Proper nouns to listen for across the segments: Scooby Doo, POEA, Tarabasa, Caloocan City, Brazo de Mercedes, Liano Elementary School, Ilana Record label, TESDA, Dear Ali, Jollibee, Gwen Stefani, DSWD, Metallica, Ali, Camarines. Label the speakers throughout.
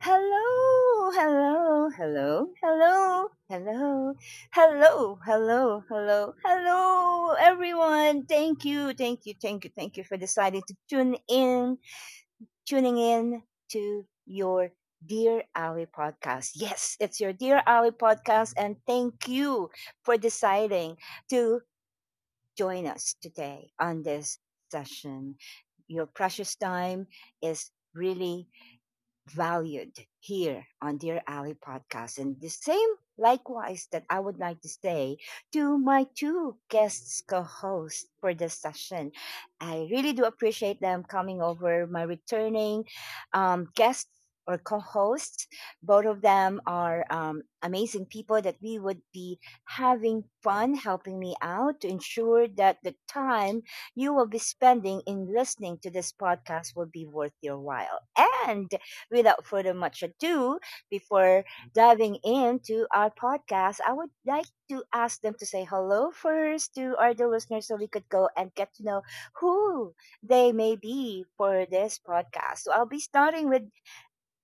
Speaker 1: hello, hello, hello, hello, hello, hello, hello, hello, hello, everyone. Thank you, thank you, thank you, thank you for deciding to tuning in to your Dear Ali podcast. Yes, it's your Dear Ali podcast, and thank you for deciding to join us today on this session. Your precious time is really valued here on Dear Alley podcast. And the same likewise that I would like to say to my two guests co-hosts for this session. I really do appreciate them coming over, my returning guests or co-hosts. Both of them are amazing people that we would be having fun helping me out to ensure that the time you will be spending in listening to this podcast will be worth your while. And without further much ado, before diving into our podcast, I would like to ask them to say hello first to our dear listeners so we could go and get to know who they may be for this podcast. So I'll be starting with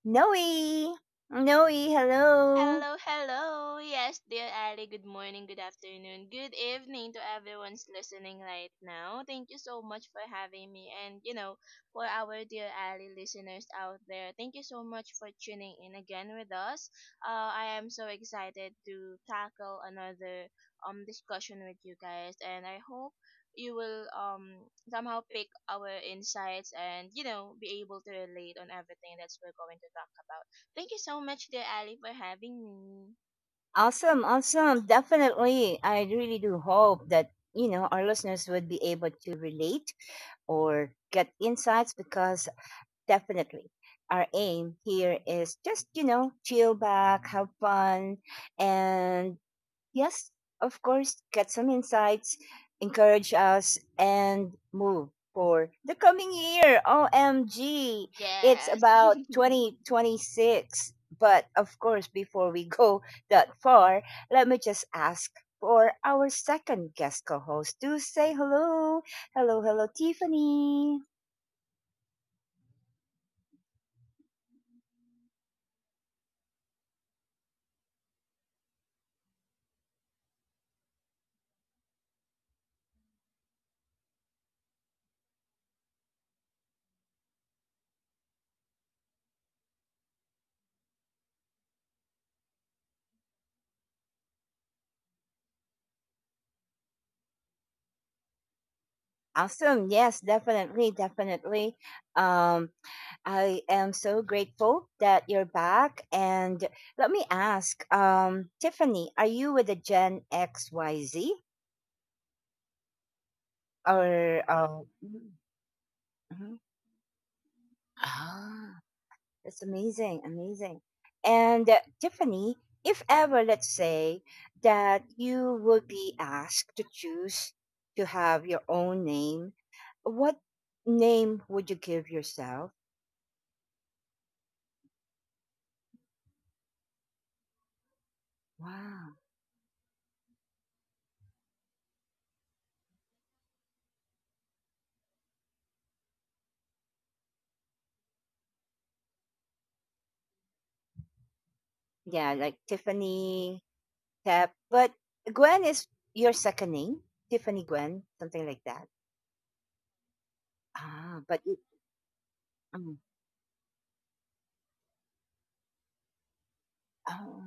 Speaker 1: Noe. Noe, hello.
Speaker 2: Hello, hello. Yes, dear Ali, good morning, good afternoon, good evening to everyone's listening right now. Thank you so much for having me. For our dear Ali listeners out there, thank you so much for tuning in again with us. I am so excited to tackle another discussion with you guys, and I hope you will somehow pick our insights and be able to relate on everything that we're going to talk about. Thank you so much, dear Ali, for having me.
Speaker 1: Awesome, awesome. Definitely. I really do hope that, you know, our listeners would be able to relate or get insights because definitely our aim here is just, you know, chill back, have fun, and yes, of course, get some insights, encourage us, and move for the coming year. OMG. It's
Speaker 2: Yes.
Speaker 1: about 2026. But of course, before we go that far, let me just ask for our second guest co host to say hello. Hello, hello, Tiffany. Awesome. Yes, definitely, definitely. Um, I am so grateful that you're back. And let me ask, Tiffany, are you with the Gen XYZ or mhm. Ah, that's amazing, amazing. And Tiffany, if ever, let's say that you would be asked to choose to have your own name, what name would you give yourself? Wow. Yeah, like Tiffany, Tap. But Gwen is your second name? Tiffany Gwen, something like that. Ah, but it, um, oh,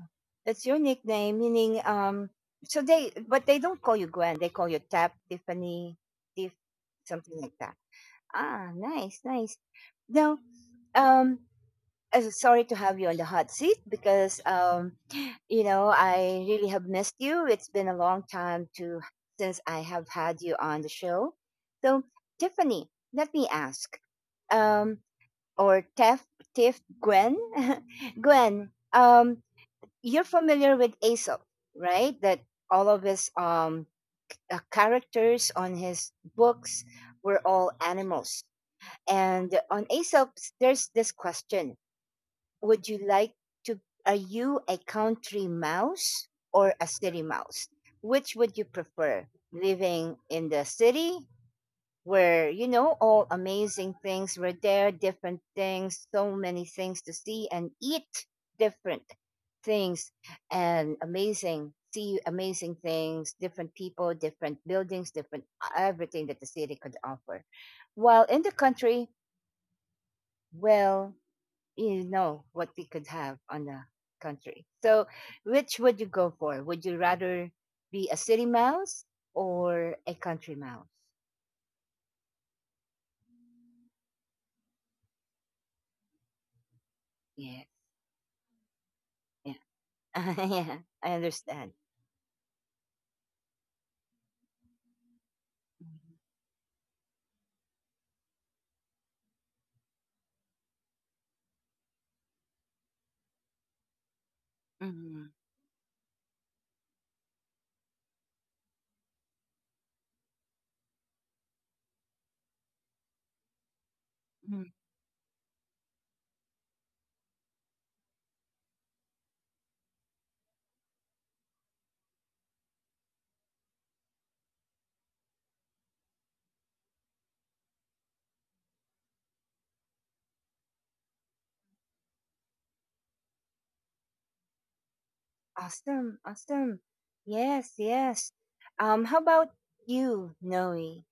Speaker 1: that's your nickname, meaning, but they don't call you Gwen. They call you Tap, Tiffany, Tiff, something like that. Ah, nice, nice. Now, um, sorry to have you on the hot seat because you know I really have missed you. It's been a long time to since I have had you on the show. So Tiffany, let me ask, um, or Tiff, Tiff Gwen, Gwen, you're familiar with Aesop, right? That all of his characters on his books were all animals, and on Aesop, there's this question, would you like to are you a country mouse or a city mouse, which would you prefer? Living in the city where, you know, all amazing things were there, different things, so many things to see and eat, different things and amazing, see, amazing things, different people, different buildings, different everything that the city could offer, while in the country, well, you know what we could have on the country. So, which would you go for? Would you rather be a city mouse or a country mouse? Yes, yeah, yeah. I understand. Hmm, hmm. Awesome, awesome. Yes, yes. How about you, Noe?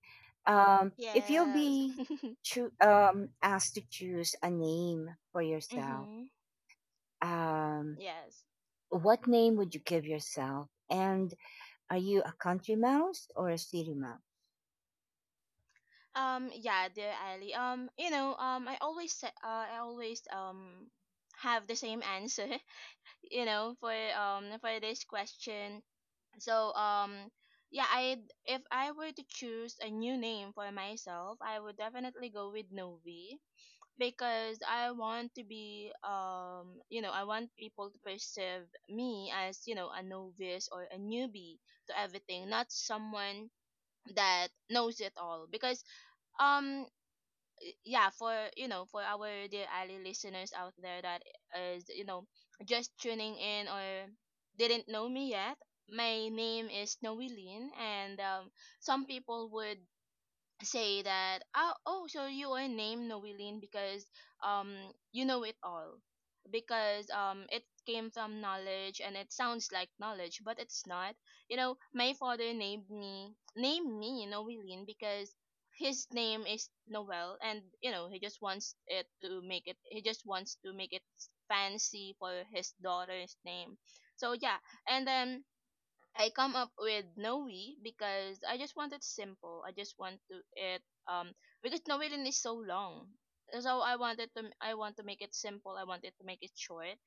Speaker 1: If you'll
Speaker 2: Yes.
Speaker 1: be asked to choose a name for yourself,
Speaker 2: Mm-hmm.
Speaker 1: um,
Speaker 2: Yes.
Speaker 1: what name would you give yourself? And are you a country mouse or a city mouse?
Speaker 2: Yeah, dear Ali. I always have the same answer. For this question. So. Yeah. I. if I were to choose a new name for myself, I would definitely go with Novi, because I want to be, I want people to perceive me as, a novice or a newbie to everything, not someone that knows it all. Because um yeah, for you know for our dear Ali listeners out there that is, just tuning in or didn't know me yet, my name is Noeline, and some people would say that, oh, oh, so you were named Noeline because um you know it all, because it came from knowledge and it sounds like knowledge. But it's not, you know, my father named me Noeline because his name is Noel, and you know, he just wants to make it fancy for his daughter's name. So yeah. And then I come up with Noe because I just want it simple. I just want to it um because Noelin is so long. So I wanted to, I want to make it simple. I wanted to make it short.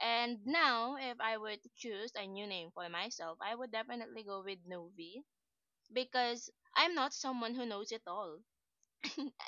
Speaker 2: And now if I were to choose a new name for myself, I would definitely go with Novi because I'm not someone who knows it all.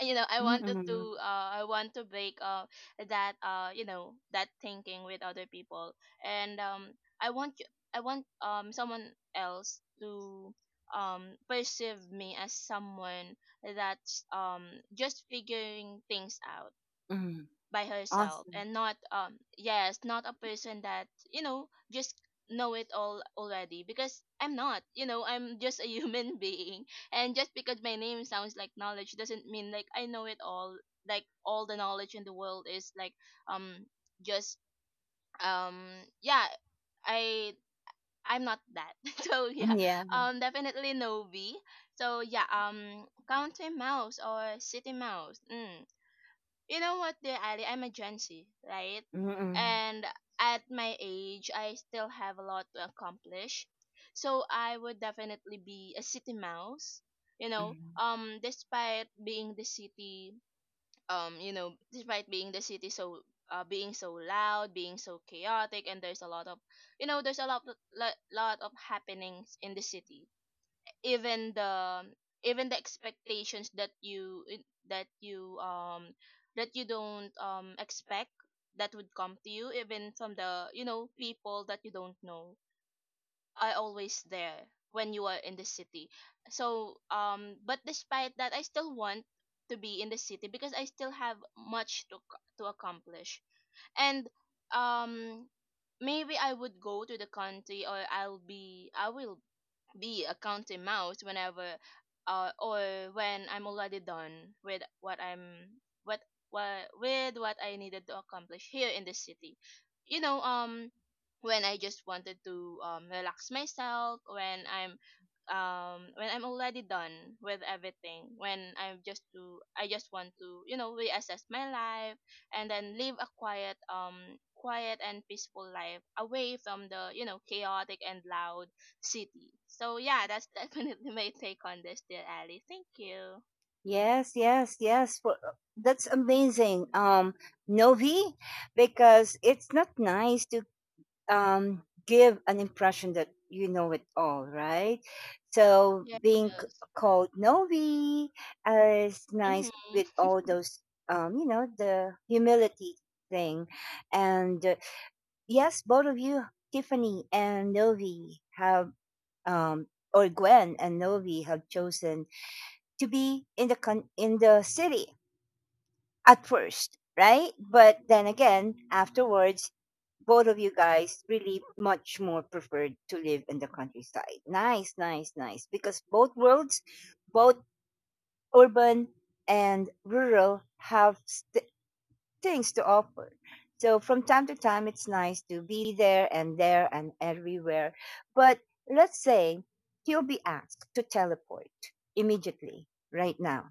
Speaker 2: You know,
Speaker 1: Mm-mm.
Speaker 2: I want to break, that you know that thinking with other people. And I want you, I want someone else to, perceive me as someone that's, just figuring things out
Speaker 1: Mm.
Speaker 2: by herself,
Speaker 1: Awesome.
Speaker 2: and not, yes, not a person that, you know, just know it all already. Because I'm not, you know, I'm just a human being. And just because my name sounds like knowledge doesn't mean like I know it all, like all the knowledge in the world, is like um just um yeah, i I'm not that. So yeah.
Speaker 1: Mm, yeah.
Speaker 2: Definitely no b so yeah. Country mouse or city mouse? You know what, dear Ali? I'm a Gen Z, right?
Speaker 1: Mm-mm.
Speaker 2: And at my age, I still have a lot to accomplish. So I would definitely be a city mouse.
Speaker 1: Mm.
Speaker 2: Despite being the city, you know, despite being the city, so being so loud, being so chaotic, and there's a lot of, you know, there's a lot of happenings in the city. Even the expectations that that you um you don't, expect that would come to you, even from the, you know, people that you don't know, are always there when you are in the city. So but despite that, I still want to be in the city because I still have much to accomplish. And um maybe I would go to the country, or I'll be, I will be a counting mouse whenever, or when I'm already done with what I'm, what what with what I needed to accomplish here in the city. You know, when I just wanted to, relax myself, when I'm, already done with everything, when I'm just to I just want to, you know, reassess my life, and then live a quiet, quiet and peaceful life away from the, you know, chaotic and loud city. So yeah, that's definitely my take on this, dear Ali. Thank you.
Speaker 1: Yes, yes, yes. For, that's amazing. Novi, because it's not nice to give an impression that you know it all, right? So
Speaker 2: Yes.
Speaker 1: being called Novi is nice
Speaker 2: Mm-hmm.
Speaker 1: with all those the humility thing. And yes, both of you, Tiffany and Novi, have, um, or Gwen and Novi, have chosen to be in the in the city at first, right? But then again, afterwards, both of you guys really much more preferred to live in the countryside. Nice, nice, nice. Because both worlds, both urban and rural, have things to offer. So from time to time, it's nice to be there and there and everywhere. But let's say you'll be asked to teleport immediately, right now,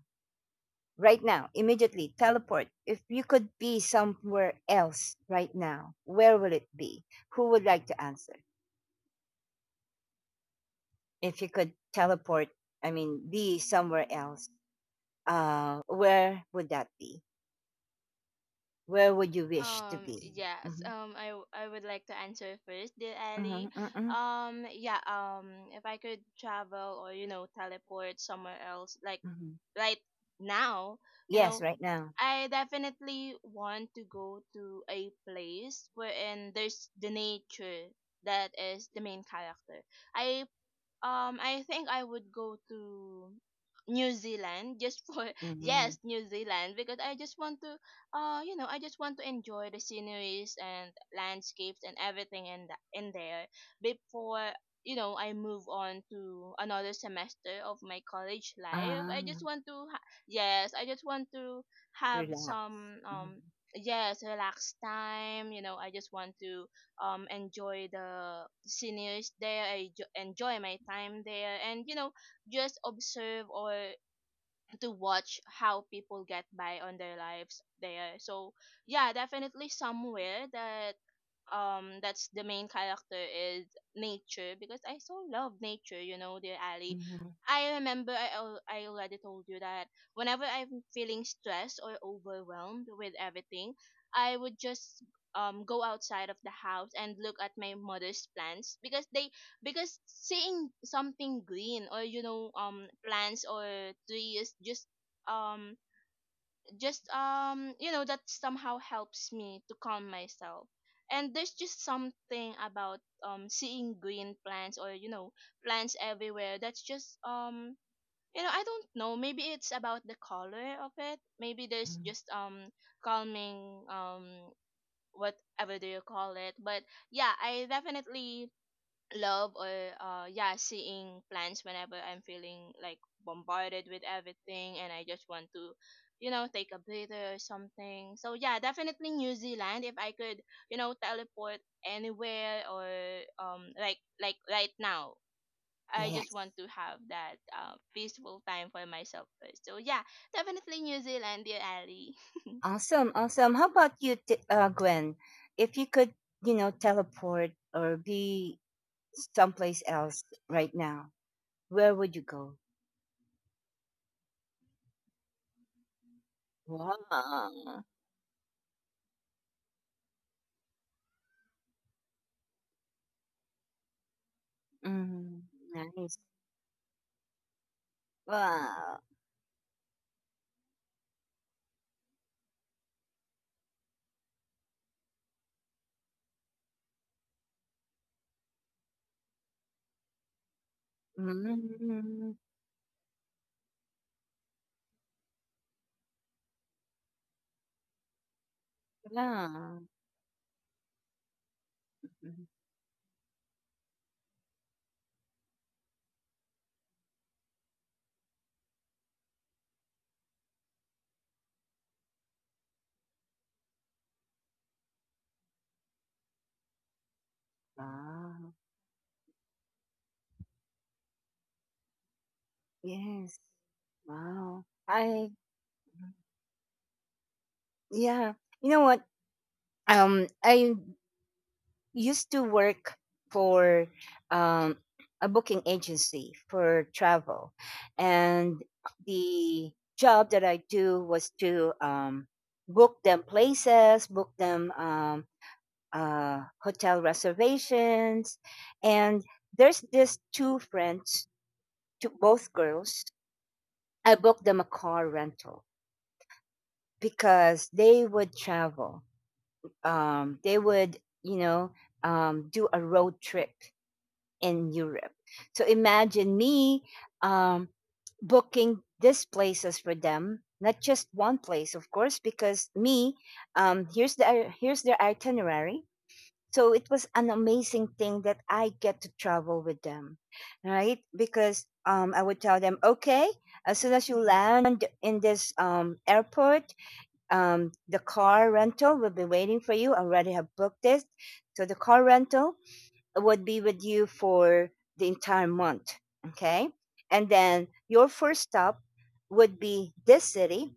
Speaker 1: right now, immediately teleport. If you could be somewhere else right now, where will it be? Who would like to answer? If you could teleport, I mean, be somewhere else, where would that be? Where would you wish to be?
Speaker 2: Yes.
Speaker 1: Hmm,
Speaker 2: I would like to answer first, dear
Speaker 1: hmm,
Speaker 2: Ali.
Speaker 1: hmm,
Speaker 2: Yeah. If I could travel, or you know, teleport somewhere else, like
Speaker 1: hmm.
Speaker 2: right now, you
Speaker 1: Yes,
Speaker 2: know,
Speaker 1: right now.
Speaker 2: I definitely want to go to a place wherein there's the nature that is the main character. I I think I would go to New Zealand, just for, yes,
Speaker 1: Mhm.
Speaker 2: New Zealand, because I just want to, I just want to enjoy the sceneries and landscapes and everything in the, in there, before, you know, I move on to another semester of my college life.
Speaker 1: Ah,
Speaker 2: I just want to yes, I just want to have
Speaker 1: relax.
Speaker 2: some,
Speaker 1: Mhm,
Speaker 2: yes, relaxed time. You know, I just want to, enjoy the sceneries there. Enjoy my time there, and you know, just observe or to watch how people get by on their lives there. So yeah, definitely somewhere that's the main character is nature, because I so love nature, you know, dear Ali.
Speaker 1: mhm,
Speaker 2: I remember I, I already told you that whenever I'm feeling stressed or overwhelmed with everything, I would just go outside of the house and look at my mother's plants because they because seeing something green, or you know, plants or trees just, um you know, that somehow helps me to calm myself. And there's just something about, seeing green plants, or you know, plants everywhere, that's just, you know, I don't know. Maybe it's about the color of it. Maybe there's
Speaker 1: mhm.
Speaker 2: just, calming, whatever do you call it. But yeah, I definitely love, or yeah, seeing plants whenever I'm feeling like bombarded with everything, and I just want to, you know, take a breather or something. So yeah, definitely New Zealand. If I could, you know, teleport anywhere, or like right now, I just
Speaker 1: Yes.
Speaker 2: want to have that, peaceful time for myself first. So yeah, definitely New Zealand, dear Ali.
Speaker 1: Awesome, awesome. How about you, Gwen? If you could, you know, teleport or be someplace else right now, where would you go? Wow. Mhm. Nice. Wow. Mhm. Wow. Mhm. Wow. Yes. Wow. I yeah. You know what? I used to work for um, a booking agency for travel, and the job that I do was to book them places, book them hotel reservations, and there's this two friends, two, both girls. I booked them a car rental because they would travel. They would, you know, do a road trip in Europe. So imagine me um, booking these places for them, not just one place, of course, because me, here's their itinerary. So it was an amazing thing that I get to travel with them, right? Because I would tell them, okay, as soon as you land in this airport, the car rental will be waiting for you. I already have booked this. So the car rental would be with you for the entire month. Okay. And then your first stop would be this city,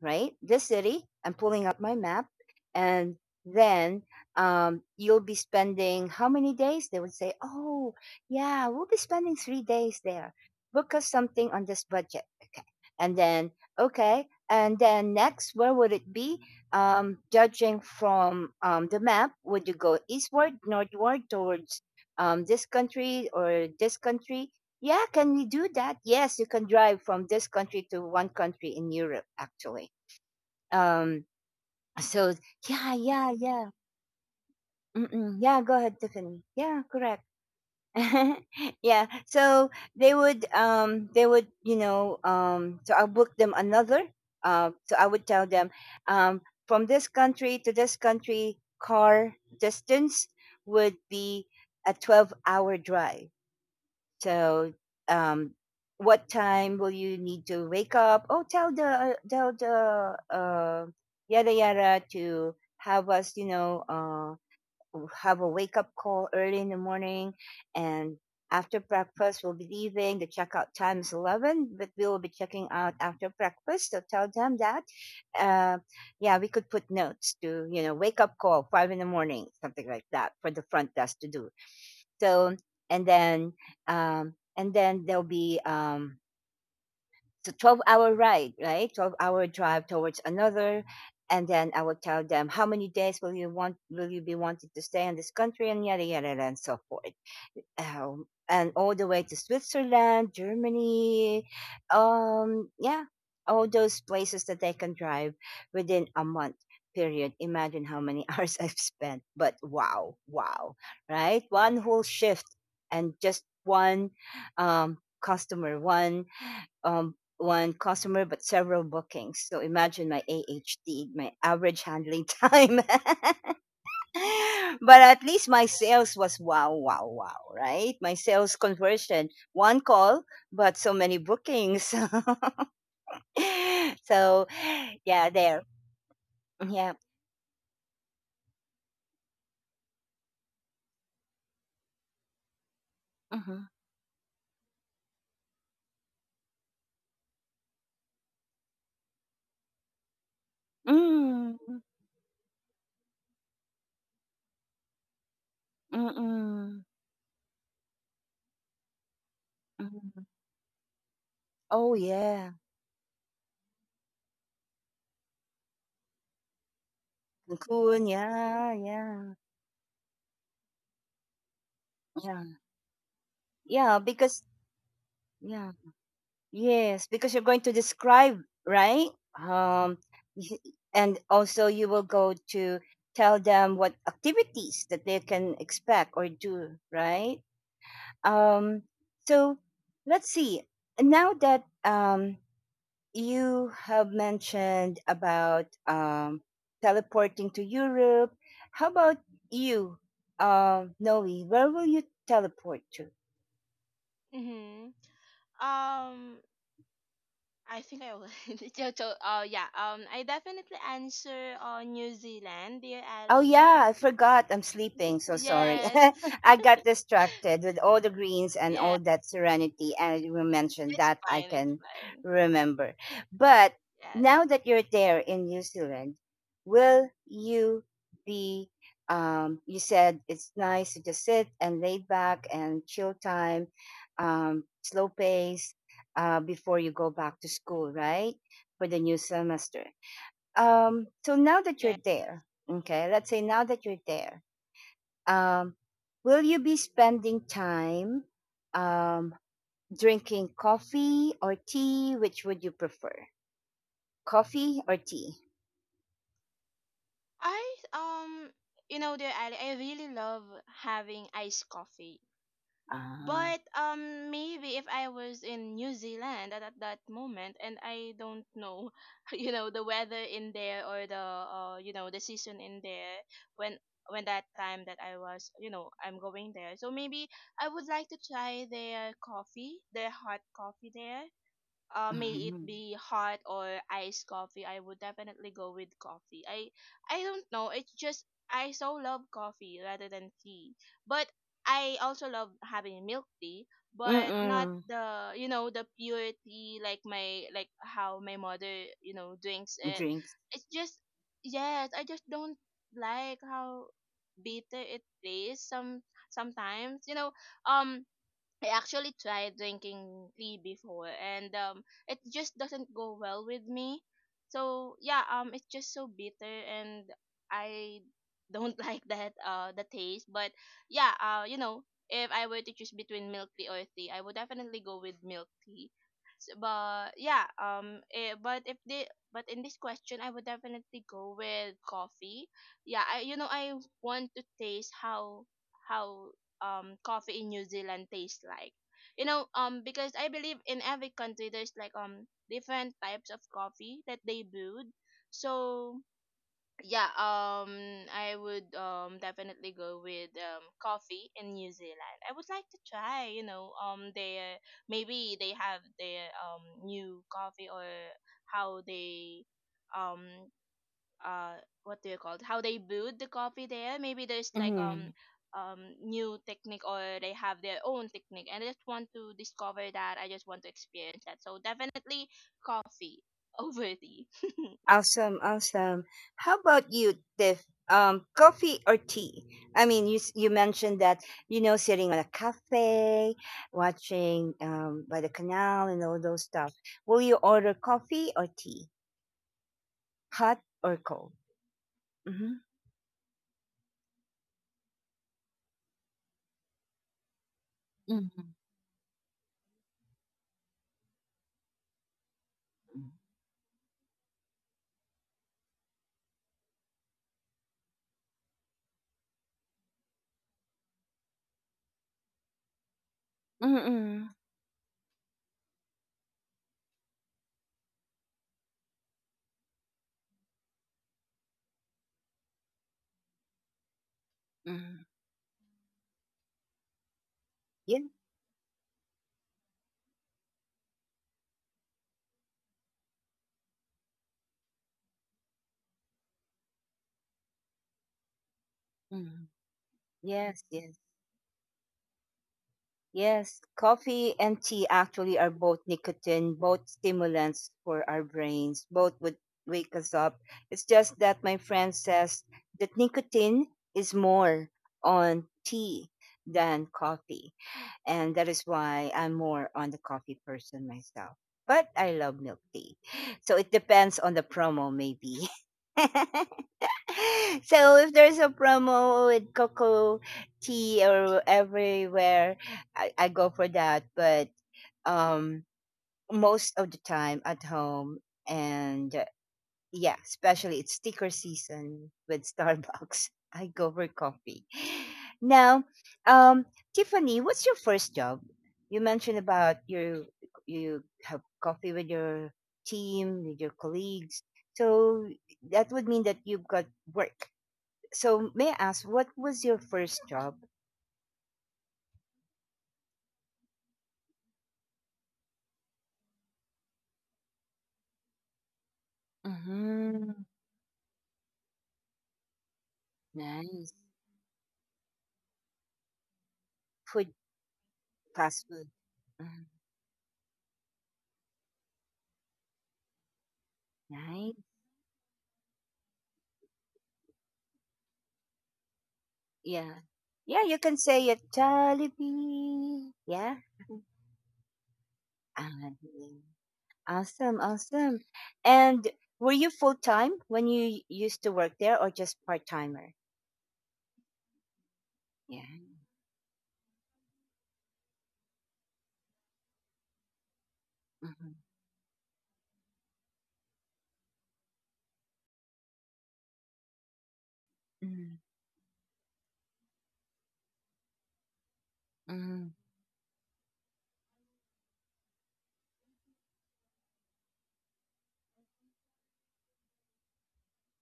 Speaker 1: right? This city. I'm pulling out my map. And then you'll be spending how many days? They would say, oh, yeah, we'll be spending 3 days there. Book us something on this budget, and then okay, and then next, where would it be? Judging from the map, would you go eastward, northward, towards this country or this country? Yeah. Can we do that? Yes, you can drive from this country to one country in Europe, actually. um so yeah, yeah, yeah. Mm-mm. Yeah, go ahead, Tiffany. Yeah, correct. yeah. So they would, you know, so I'll book them another. So I would tell them um from this country to this country, car distance would be a 12-hour drive. So um what time will you need to wake up? Oh, tell the yada yada to have us, have a wake up call early in the morning, and after breakfast we'll be leaving. The checkout time is 11, but we will be checking out after breakfast, so tell them that, uh, yeah, we could put notes to, you know, wake up call 5 in the morning, something like that, for the front desk to do so. And then there'll be it's a 12-hour ride, right? 12-hour drive towards another. And then I would tell them, how many days will you want, will you be wanting to stay in this country and yada, yada, yada, and so forth. And all the way to Switzerland, Germany, yeah, all those places that they can drive within a month period. Imagine how many hours I've spent, but wow, wow, right? One whole shift and just one customer, one customer, but several bookings. So imagine my AHT, my average handling time. but at least my sales was wow, wow, wow, right? My sales conversion, one call, but so many bookings. so, yeah, there. Yeah. Mm-hmm. Mm, mm-mm, mm mm. Oh, yeah. Cancun, yeah, yeah, yeah. Yeah, because, yeah. Yes, because you're going to describe, right? Um, y- and also you will go to tell them what activities that they can expect or do, right? Um, so let's see. Now that you have mentioned about teleporting to Europe, how about you, Noe? Where will you teleport to?
Speaker 2: Mm-hmm. um I think I would. Yeah. I definitely answer on New Zealand, dear
Speaker 1: Oh
Speaker 2: Ali.
Speaker 1: yeah, I forgot. I'm sleeping. So sorry.
Speaker 2: Yes.
Speaker 1: I got distracted with all the greens and
Speaker 2: Yeah.
Speaker 1: all that serenity, and you mentioned
Speaker 2: It's
Speaker 1: that I
Speaker 2: fine. It's
Speaker 1: can
Speaker 2: fine.
Speaker 1: remember. But
Speaker 2: Yes.
Speaker 1: now that you're there in New Zealand, will you be? You said it's nice to just sit and laid back and chill time, slow pace, before you go back to school, right? For the new semester, so now that
Speaker 2: Yeah.
Speaker 1: you're there, okay, let's say now that you're there, um will you be spending time um drinking coffee or tea? Which would you prefer, coffee or tea?
Speaker 2: I you know, dear Ali, I really love having iced coffee.
Speaker 1: Ah,
Speaker 2: But maybe if I was in New Zealand at that moment, and I don't know, you know, the weather in there, or the, the season in there when that time that I was, you know, I'm going there. So maybe I would like to try their coffee, their hot coffee there, may it
Speaker 1: mm-hmm.
Speaker 2: be hot or iced coffee, I would definitely go with coffee. I don't know. It's just I so love coffee rather than tea. But I also love having milk tea, but not
Speaker 1: Mm
Speaker 2: the, you know, the pure tea like my how my mother, you know, drinks it.
Speaker 1: drinks.
Speaker 2: It's just yes, I just don't like how bitter it tastes sometimes. You know, um I actually tried drinking tea before, and it just doesn't go well with me. So yeah, it's just so bitter, and I don't like that, the taste. But yeah, you know, if I were to choose between milk tea or tea, I would definitely go with milk tea. S but yeah, but if the but in this question, I would definitely go with coffee. Yeah, I, you know, I want to taste how, how coffee in New Zealand tastes like. You know, because I believe in every country there's like, different types of coffee that they brewed. So yeah, I would, definitely go with, coffee in New Zealand. I would like to try, you know, their maybe they have their, new coffee, or how they, um uh what do you call it, how they brewed the coffee there. Maybe there's like, new technique, or they have their own technique, and I just want to discover that. I just want to experience that. So definitely coffee over tea.
Speaker 1: Awesome, awesome. How about you, Tiff? Coffee or tea? I mean, you you mentioned that, sitting on a cafe, watching by the canal and all those stuff. Will you order coffee or tea? Hot or cold? Mm-hmm. Mm-hmm. Mm-mm. Mm-hmm. Yeah. Mm-hmm. Yes. Yes. Yes, coffee and tea actually are both nicotine, both stimulants for our brains. Both would wake us up. It's just that my friend says that nicotine is more on tea than coffee. And that is why I'm more on the coffee person myself. But I love milk tea. So it depends on the promo, maybe. So if there's a promo with cocoa tea or everywhere I go for that. But um most of the time at home, and yeah, especially it's sticker season with Starbucks. I go for coffee now. um Tiffany, what's your first job? You mentioned about your, you have coffee with your team, with your colleagues, so that would mean that you've got work. So may I ask, what was your first job? Mm-hmm. Nice. Food, fast food. Mm, nice. Yeah. Yeah, you can say it. Jollibee. Yeah. Ah, yeah. Awesome, awesome. And were you full time when you used to work there, or just part timer? Yeah. Mm-hmm. Mm. Mm-hmm.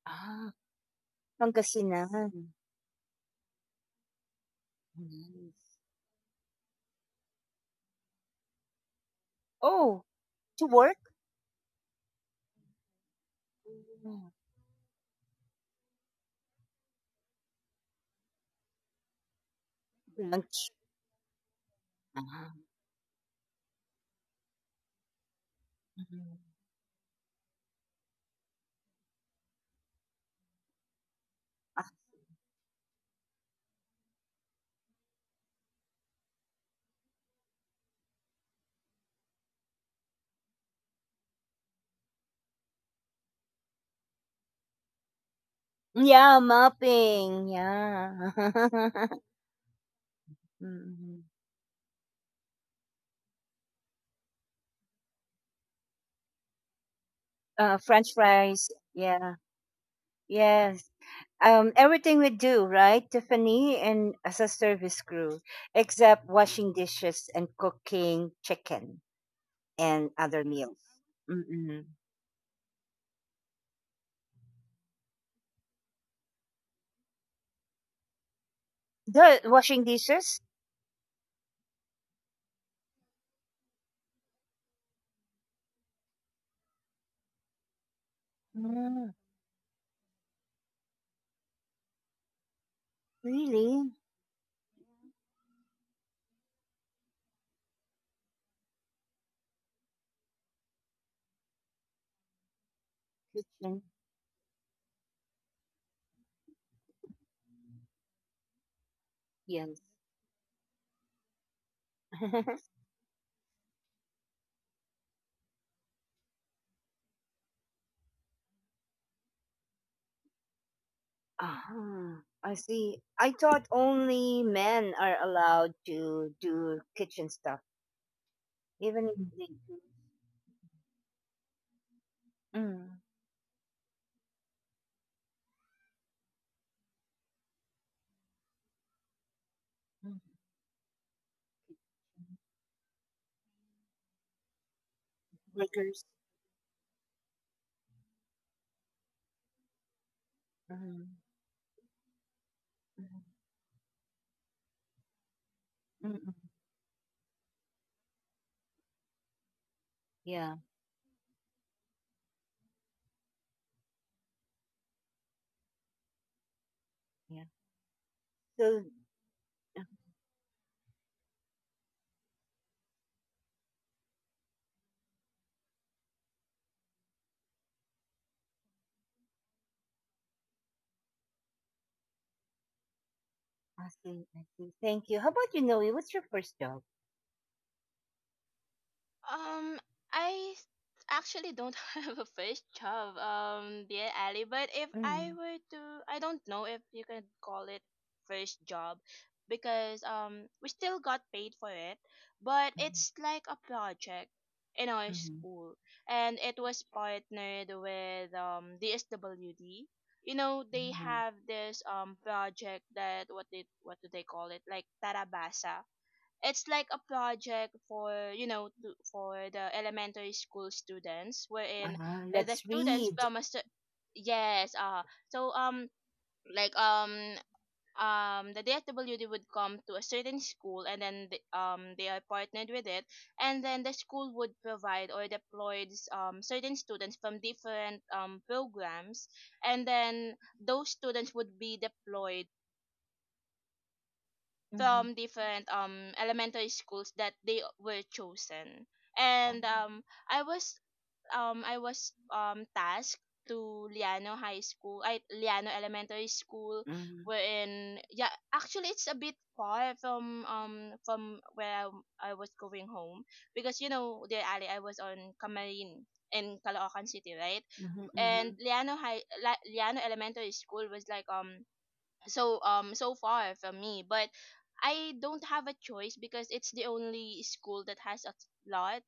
Speaker 1: Ah, Pangasinan. Nice. Oh, to work? Mm, lunch. Ah. Hmm. Yeah, mopping. Yeah. Mhm. French fries. Yeah. Yes. Everything we do, right, Tiffany, and as a service crew, except washing dishes and cooking chicken and other meals. Mm-mm. The washing dishes? Mm, really? Kitchen? Yes. Ah, I see. I thought only men are allowed to do kitchen stuff. Even if they do. Mm, mm, Lakers. Mm, mm, mm, mm. Yeah, yeah. So, uh, I see, I see. Thank you. How about you, Noe? What's your first job?
Speaker 2: Um, I s- actually don't have a first job, dear Ali. But if I
Speaker 1: Mm,
Speaker 2: were to, I don't know if you can call it first job, because we still got paid for it, but
Speaker 1: mm,
Speaker 2: it's like a project in our
Speaker 1: mm,
Speaker 2: school, and it was partnered with DSWD. They
Speaker 1: mm.
Speaker 2: have this project that, what do they call it, like Tarabasa. It's like a project for, for the elementary school students, wherein, the
Speaker 1: Let's
Speaker 2: students
Speaker 1: read.
Speaker 2: from a yes, so um like um the DSWD would come to a certain school, and then they are partnered with it, and then the school would provide or deploy certain students from different programs, and then those students would be deployed
Speaker 1: Mm,
Speaker 2: from different elementary schools that they were chosen.
Speaker 1: uh,
Speaker 2: And I was I was tasked to Liano Elementary School,
Speaker 1: mm,
Speaker 2: wherein, yeah, actually it's a bit far from where I was going home, because, you know, dear Ali, I was on Camarines in Caloocan City, right,
Speaker 1: mhm,
Speaker 2: and
Speaker 1: mhm,
Speaker 2: Liano Elementary School was like, so far from me. But I don't have a choice because it's the only school that has a lot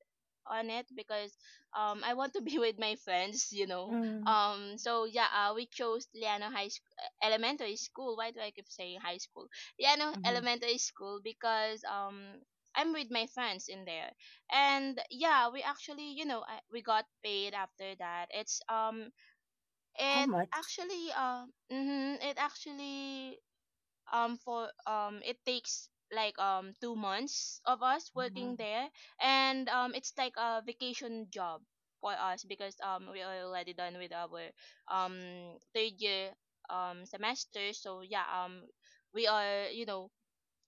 Speaker 2: on it, because I want to be with my friends you know
Speaker 1: mm,
Speaker 2: um So, yeah, we chose Elementary School. Why do I keep saying high school? Liano
Speaker 1: mhm.
Speaker 2: Elementary School, because I'm with my friends in there. And, yeah, we actually, we got paid after that.
Speaker 1: How
Speaker 2: It
Speaker 1: much?
Speaker 2: actually uh mm-hmm, it actually for It takes like 2 months of us
Speaker 1: Mm,
Speaker 2: working there, and it's like a vacation job for us, because we are already done with our um third year semester. So, yeah, we are,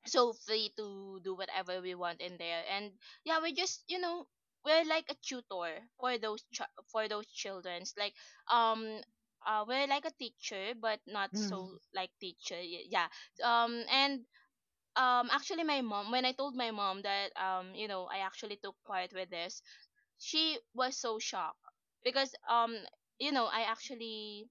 Speaker 2: so free to do whatever we want in there. And, yeah, we just, we're like a tutor for for those children's, like, um we're like a teacher but not
Speaker 1: mm,
Speaker 2: so like teacher. Yeah. And, actually, my mom, when I told my mom that, I actually took part with this, she was so shocked, because you know i actually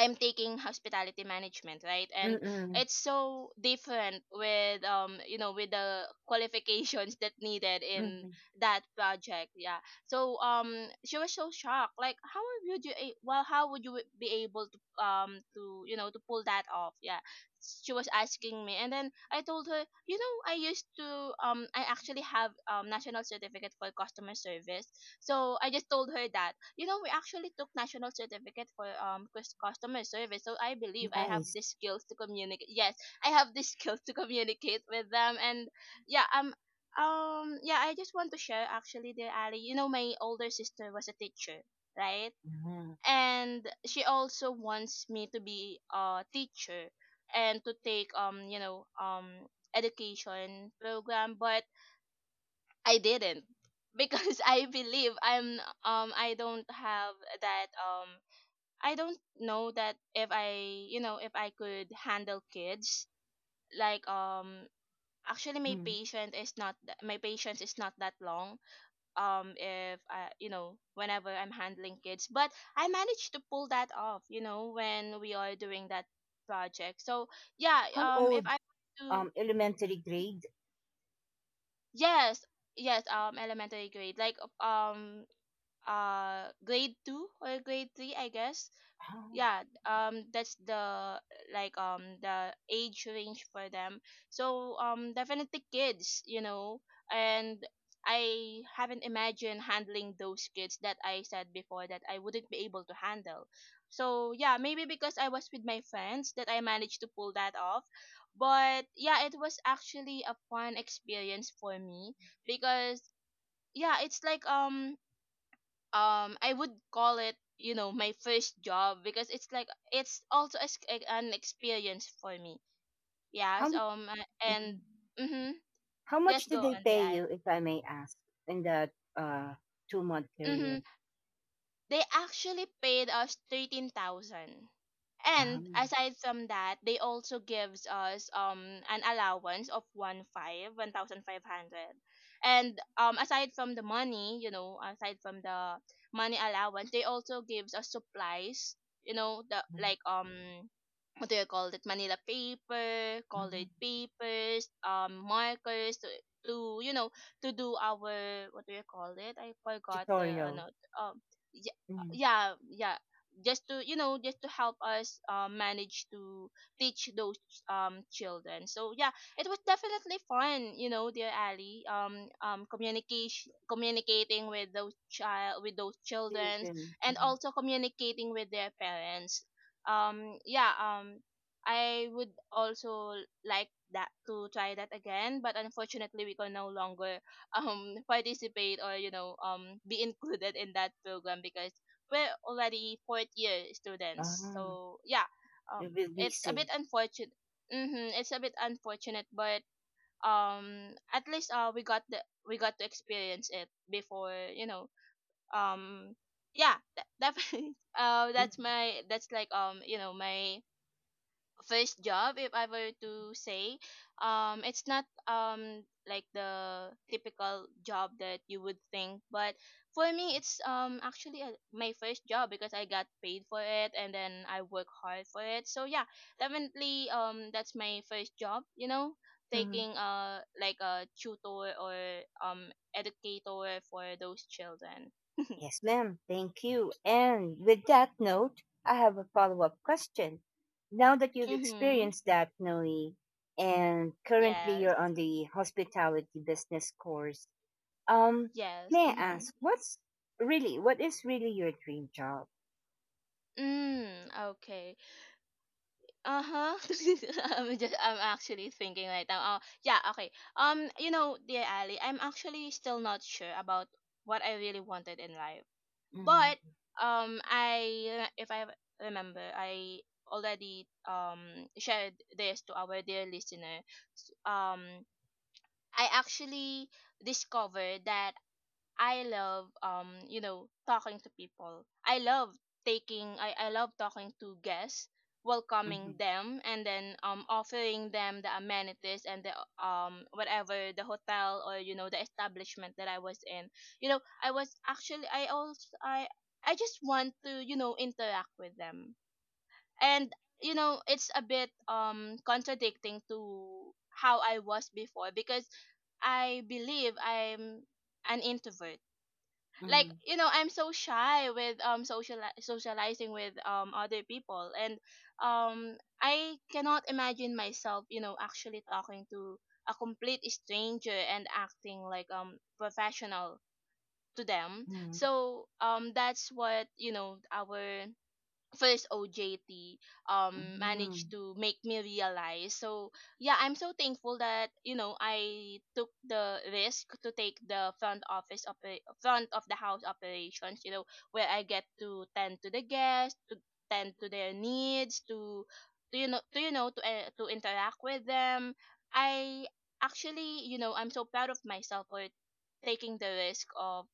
Speaker 2: I'm taking hospitality management, right?
Speaker 1: mm,
Speaker 2: And
Speaker 1: mm,
Speaker 2: it's so different with you know with the qualifications that needed in
Speaker 1: mm.
Speaker 2: that project. Yeah. So, she was so shocked. Like, how would you, well, how would you be able to pull that off? Yeah, she was asking me, and then I told her, you know I used to I actually have national certificate for customer service. So I just told her that, we actually took national certificate for customer service, so I believe I have
Speaker 1: Nice.
Speaker 2: the skills to communicate. Yes, I have the skills to communicate with them. And, yeah um yeah, I just want to share, actually, the Ali, you know, my older sister was a teacher, right,
Speaker 1: Mm,
Speaker 2: and she also wants me to be a teacher, and to take education program. But I didn't because I believe I don't have that. I don't know that if I could handle kids, like, actually my
Speaker 1: mm.
Speaker 2: patient is not th- my patience is not that long, if I, you know whenever I'm handling kids. But I managed to pull that off, when we are doing that project. So, yeah,
Speaker 1: How
Speaker 2: if
Speaker 1: old?
Speaker 2: I do,
Speaker 1: Elementary grade.
Speaker 2: yes, yes, elementary grade, like, um grade 2 or grade 3, I guess.
Speaker 1: How?
Speaker 2: Yeah, that's the like the age range for them. So, definitely kids, and I haven't imagined handling those kids that I said before that I wouldn't be able to handle. So, yeah, maybe because I was with my friends, that I managed to pull that off. But, yeah, it was actually a fun experience for me, because, yeah, it's like, I would call it, my first job, because it's like, it's also an experience for me.
Speaker 1: how
Speaker 2: Yes. And,
Speaker 1: mm,
Speaker 2: mm-hmm.
Speaker 1: How
Speaker 2: Yes.
Speaker 1: much
Speaker 2: Go
Speaker 1: did they
Speaker 2: on.
Speaker 1: pay
Speaker 2: Yeah.
Speaker 1: you, if I may ask, in that uh, 2 month
Speaker 2: Mhm.
Speaker 1: period?
Speaker 2: They actually paid us 13,000.
Speaker 1: Ah,
Speaker 2: And aside from that, they also gives us an allowance of 1,500. And aside from the money, allowance, they also gives us supplies, the, like, what do you call it, manila paper, colored
Speaker 1: mhm.
Speaker 2: papers, markers, to you know to do our, what do you call it, I forgot. The No,
Speaker 1: Tutorial.
Speaker 2: um yeah,
Speaker 1: Mhm.
Speaker 2: yeah, yeah, just to, just to help us, manage to teach those children. So, yeah, it was definitely fun, you know, dear Ali, communication communicating with those children,
Speaker 1: Children.
Speaker 2: and
Speaker 1: Mhm.
Speaker 2: also communicating with their parents. Yeah, I would also like that to try that again. But unfortunately we can no longer participate, or, be included in that program, because we're already fourth year students.
Speaker 1: Ah,
Speaker 2: So, yeah,
Speaker 1: you
Speaker 2: um
Speaker 1: will be
Speaker 2: it's a
Speaker 1: safe.
Speaker 2: bit unfortunate, but at least, we got to experience it before, you know um yeah that, that
Speaker 1: Yeah.
Speaker 2: that's, like, my first job, if I were to say. It's not like the typical job that you would think, but for me it's actually my first job, because I got paid for it, and then I work hard for it. So, yeah, definitely, that's my first job, you know,
Speaker 1: Mhm.
Speaker 2: taking, like a tutor or educator for those children.
Speaker 1: Yes, ma'am. Thank you. And with that note, I have a follow up question. Now that you've
Speaker 2: Mhm.
Speaker 1: experienced that, Noe, and currently
Speaker 2: Yes.
Speaker 1: you're on the hospitality business course, um,
Speaker 2: Yes.
Speaker 1: may I
Speaker 2: Mm-hmm.
Speaker 1: ask, what is really your dream job?
Speaker 2: Mm, okay. Uh-huh. I'm actually thinking right now. Oh, yeah, okay. You know, dear Ali, I'm actually still not sure about what I really wanted in life.
Speaker 1: Mhm,
Speaker 2: But I if I remember, I already shared this to our dear listener. S- Um I actually discovered that I love talking to people. I love talking to guests,
Speaker 1: mhm,
Speaker 2: welcoming them, and then offering them the amenities and the whatever the hotel, or, the establishment that I was in. You know, I was actually I also I just want to, interact with them. And, you know, it's a bit contradicting to how I was before, because I believe I'm an introvert, like,
Speaker 1: mhm,
Speaker 2: I'm so shy with socializing with other people, and um I cannot imagine myself, actually talking to a complete stranger and acting like, professional to them.
Speaker 1: mhm,
Speaker 2: So, that's what, our first OJT managed
Speaker 1: mhm,
Speaker 2: to make me realize. So, yeah, I'm so thankful that, I took the risk to take the front of the house operations, you know, where I get to tend to the guests, to tend to their needs, to you know to to interact with them. I actually, you know, I'm so proud of myself for taking the risk of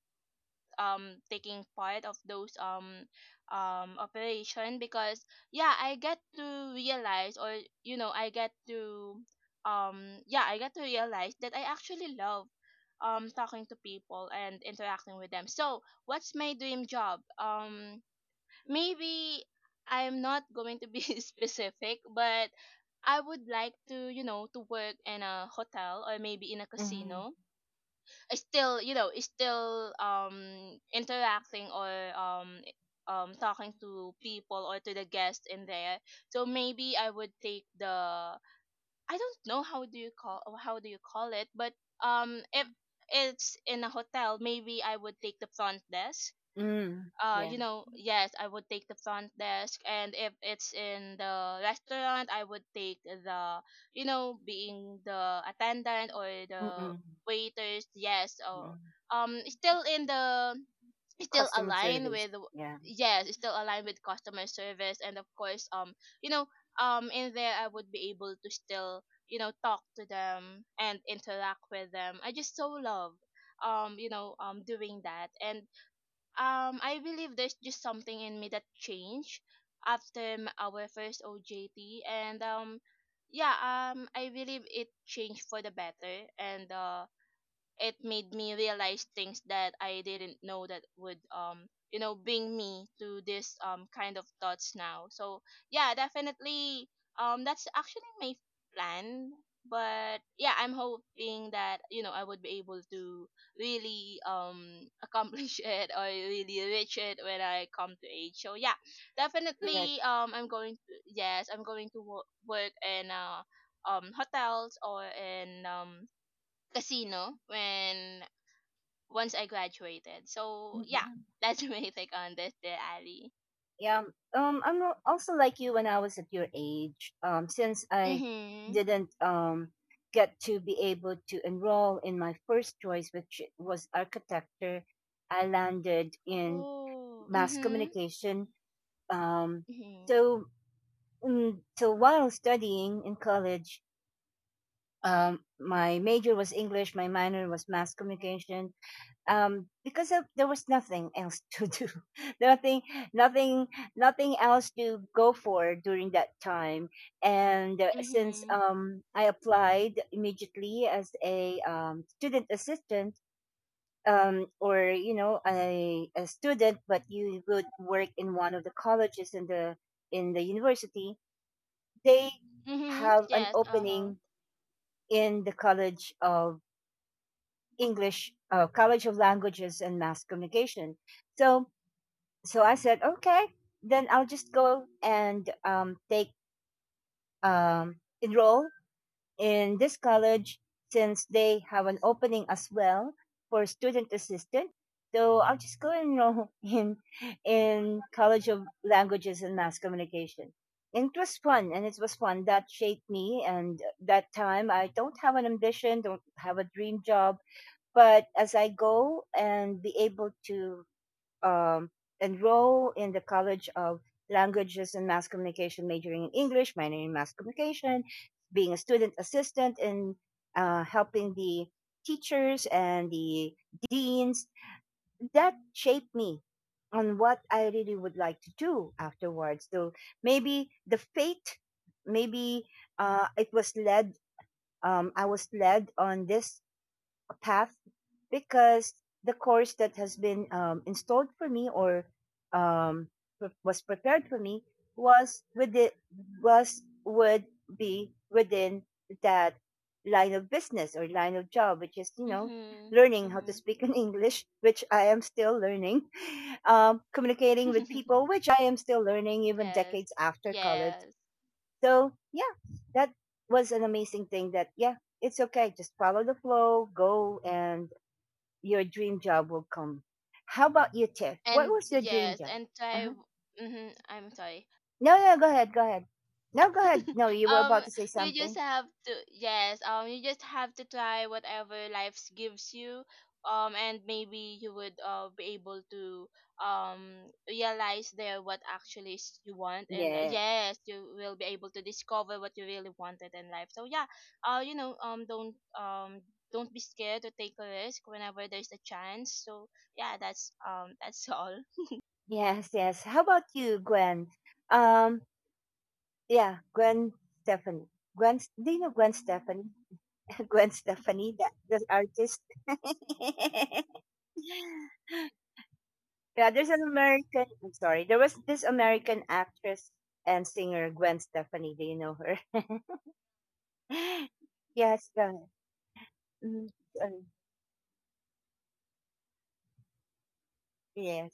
Speaker 2: taking part of those operation, because, yeah, I get to realize, or, you know I get to yeah I get to realize that I actually love talking to people and interacting with them. So what's my dream job? Maybe I'm not going to be specific, but I would like to work in a hotel, or maybe in a
Speaker 1: mhm,
Speaker 2: casino, is still interacting, or, um talking to people, or to the guests in there. So maybe I would take the I don't know how do you call it, but if it's in a hotel, maybe I would take the front desk.
Speaker 1: mm, yeah,
Speaker 2: Yes, I would take the front desk. And if it's in the restaurant, I would take the, being the attendant or the
Speaker 1: mm-mm,
Speaker 2: waiters. Yes, or,
Speaker 1: mm.
Speaker 2: still in the still
Speaker 1: Customer
Speaker 2: aligned
Speaker 1: service,
Speaker 2: with,
Speaker 1: yeah,
Speaker 2: yes, it's still aligned with customer service. And of course, you know in there I would be able to still, talk to them and interact with them. I just so love, doing that. And, I believe there's just something in me that changed after our first OJT, and, yeah, I believe it changed for the better. And, it made me realize things that I didn't know that would, bring me to this, kind of thoughts now. So, yeah, definitely, that's actually my plan. But, yeah, I'm hoping that, I would be able to really, accomplish it, or really reach it when I come to age. So, yeah,
Speaker 1: correct.
Speaker 2: definitely, I'm going to, yes, I'm going to work in, hotels, or in, casino, when once I graduated. So, yeah,
Speaker 1: Mm-mm.
Speaker 2: that's my take on this, dear Ali.
Speaker 1: Yeah, also like you when I was at your age. Since I
Speaker 2: Mhm.
Speaker 1: didn't get to be able to enroll in my first choice, which was architecture, I landed in
Speaker 2: Oh.
Speaker 1: mass
Speaker 2: Mhm.
Speaker 1: communication. Um,
Speaker 2: Mhm.
Speaker 1: so mm, so while studying in college, my major was English, my minor was mass communication. Because of, there was nothing else to do, nothing, nothing, nothing else to go for during that time. And since
Speaker 2: Mhm.
Speaker 1: I applied immediately as a student assistant. Or you know a student, but you would work in one of the colleges in the university. They
Speaker 2: Mhm.
Speaker 1: have an
Speaker 2: Yes. Uh huh.
Speaker 1: opening in the college of English, College of Languages and Mass Communication. So so I said, okay, then I'll just go and take um, enroll in this college since they have an opening as well for student assistant. So I'll just go and enroll in College of Languages and Mass Communication. And it was fun, and it was fun that shaped me. And that time, I don't have an ambition, don't have a dream job, but as I go and be able to um, enroll in the College of Languages and Mass Communication, majoring in English, minoring in Mass Communication, being a student assistant and helping the teachers and the deans, that shaped me on what I really would like to do afterwards. So maybe the fate, maybe it was led, I was led on this path because the course that has been installed for me or um, was prepared for me was with it was would be within that line of business or line of job, which is you know
Speaker 2: Mhm.
Speaker 1: learning how to
Speaker 2: Mhm.
Speaker 1: speak in English, which I am still learning. Um, communicating with people, which I am still learning even
Speaker 2: Yes.
Speaker 1: decades after college.
Speaker 2: Yes.
Speaker 1: So yeah, that was an amazing thing. That yeah, it's okay. Just follow the flow, go, and your dream job will come. How about you, Tiff? What
Speaker 2: And,
Speaker 1: was your dream
Speaker 2: yes.
Speaker 1: job?
Speaker 2: And I.
Speaker 1: Uh-huh.
Speaker 2: Mhm. I'm sorry.
Speaker 1: No, no, go ahead, go ahead. No, go ahead. No, you were
Speaker 2: um
Speaker 1: about to say
Speaker 2: you just
Speaker 1: something.
Speaker 2: have to yes you just have to try whatever life gives you and maybe you would be able to realize there what actually is you want and
Speaker 1: Yeah.
Speaker 2: yes you will be able to discover what you really wanted in life. So yeah, uh you know um don't um don't be scared to take a risk whenever there's a chance. So yeah, that's all.
Speaker 1: Yes, yes. How about you, Gwen? Um, yeah, Gwen Stephanie. Gwen, do you know Gwen Stephanie? Gwen Stephanie, that the artist. Yeah, there's an American. I'm sorry. There was this American actress and singer Gwen Stefani. Do you know her? Yes, mm, uh, yes.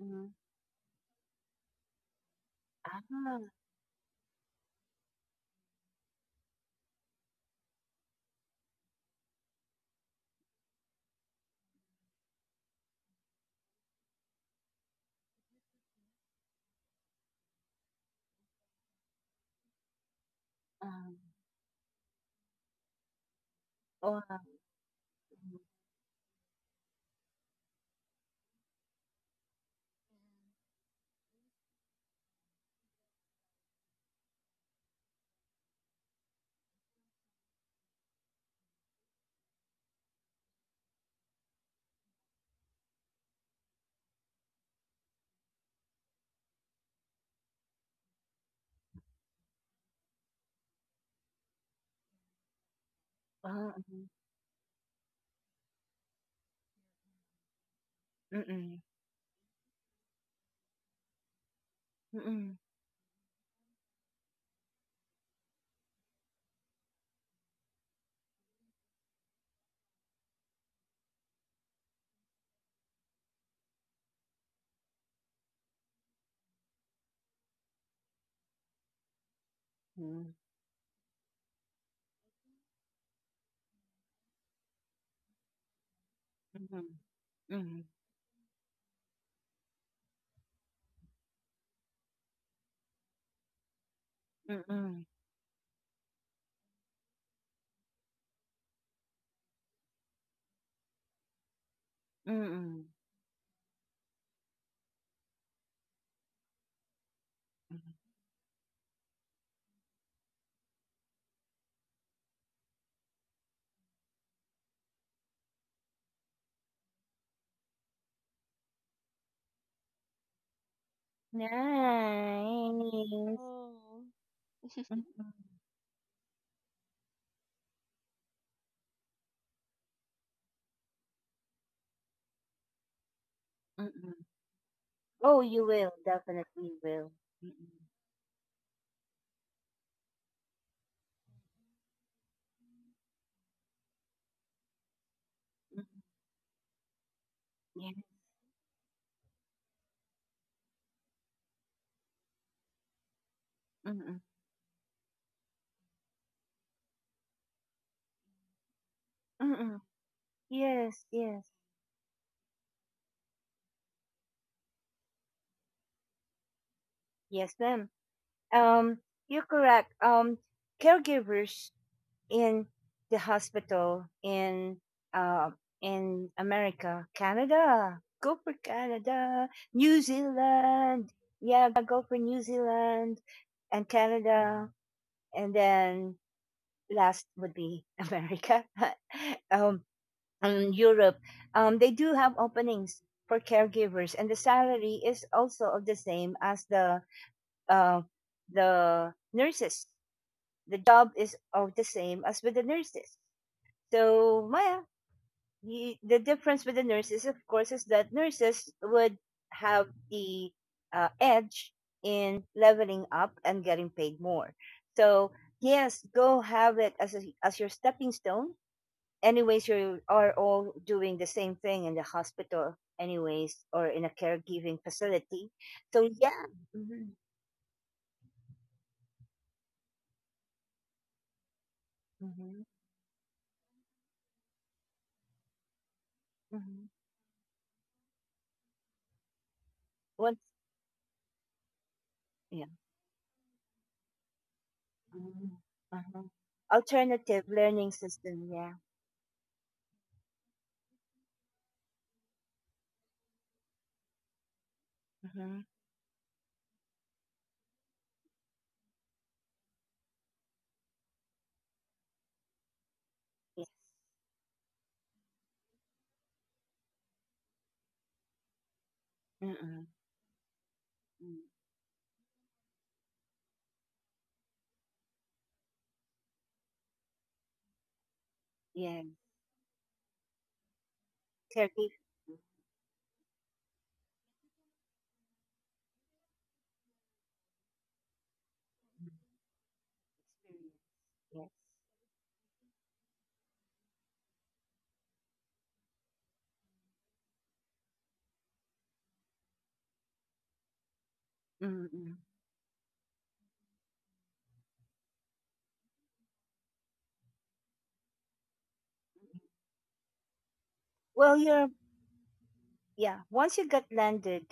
Speaker 1: Mm. Ah, um, oh, mm, ah, mm, mm-mm, mm-mm, mm, mm-mm, mm, mm-mm, mm-mm, mm. Nice.
Speaker 2: Oh.
Speaker 1: Mm-mm, mm-mm. Oh, you will definitely will. Mm-mm, mm-mm, yeah. Mm-mm, mm-mm. Yes, yes. Yes, ma'am. Um, you're correct. Caregivers in the hospital uh, in America, Canada, go for Canada, New Zealand, yeah, go for New Zealand and Canada, and then last would be America, um, and Europe. They do have openings for caregivers, and the salary is also of the same as uh, the nurses. The job is of the same as with the nurses. So Maya, the difference with the nurses, of course, is that nurses would have the edge in leveling up and getting paid more. So yes, go have it as a, as your stepping stone. Anyways, you are all doing the same thing in the hospital, anyways, or in a caregiving facility. So yeah. Hmm. Hmm. Hmm. Yeah. Mm. Uh-huh. Alternative learning system. Yeah. Mm-hmm. Yes. Mm-mm. Mm. Yeah. Turkey. Experience. Yes. Mm-mm. Well, you're yeah. Once you get landed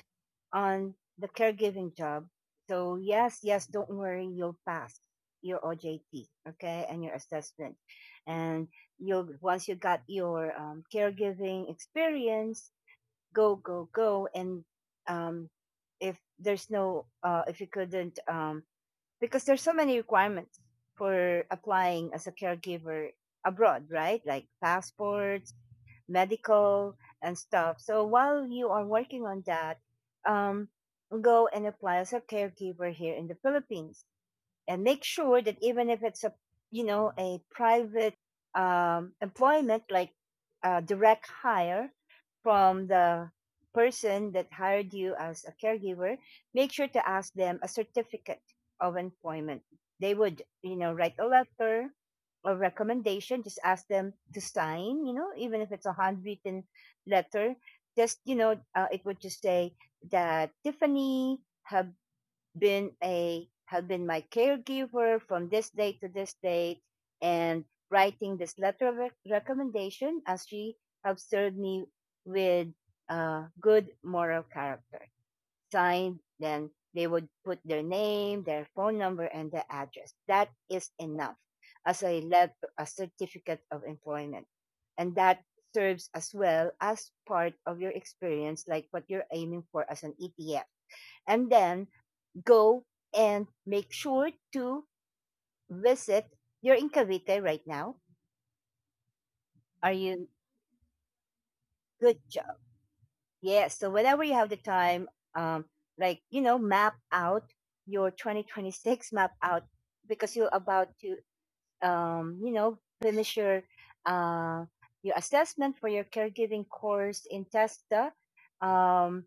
Speaker 1: on the caregiving job, so yes, yes. Don't worry, you'll pass your OJT, okay, and your assessment, and you'll once you got your caregiving experience, go and um, if there's no uh, if you couldn't um, because there's so many requirements for applying as a caregiver abroad, right, like passports, medical and stuff. So while you are working on that, um, go and apply as a caregiver here in the Philippines, and make sure that even if it's a you know a private employment, like direct hire from the person that hired you as a caregiver, make sure to ask them a certificate of employment. They would you know write a letter or recommendation. Just ask them to sign, you know, even if it's a handwritten letter, just you know, it would just say that Tiffany have have been my caregiver from this date to this date, and writing this letter of recommendation as she have served me with good moral character. Signed, then they would put their name, their phone number, and their address. That is enough as a let a certificate of employment, and that serves as well as part of your experience, like what you're aiming for as an ETF. And then go and make sure to visit. You're in Cavite right now. Are you? Good job. Yes. So whenever you have the time, um, like you know, map out your 2026. Map out because you're about to, you know, finish uh, your assessment for your caregiving course in Testa. Um,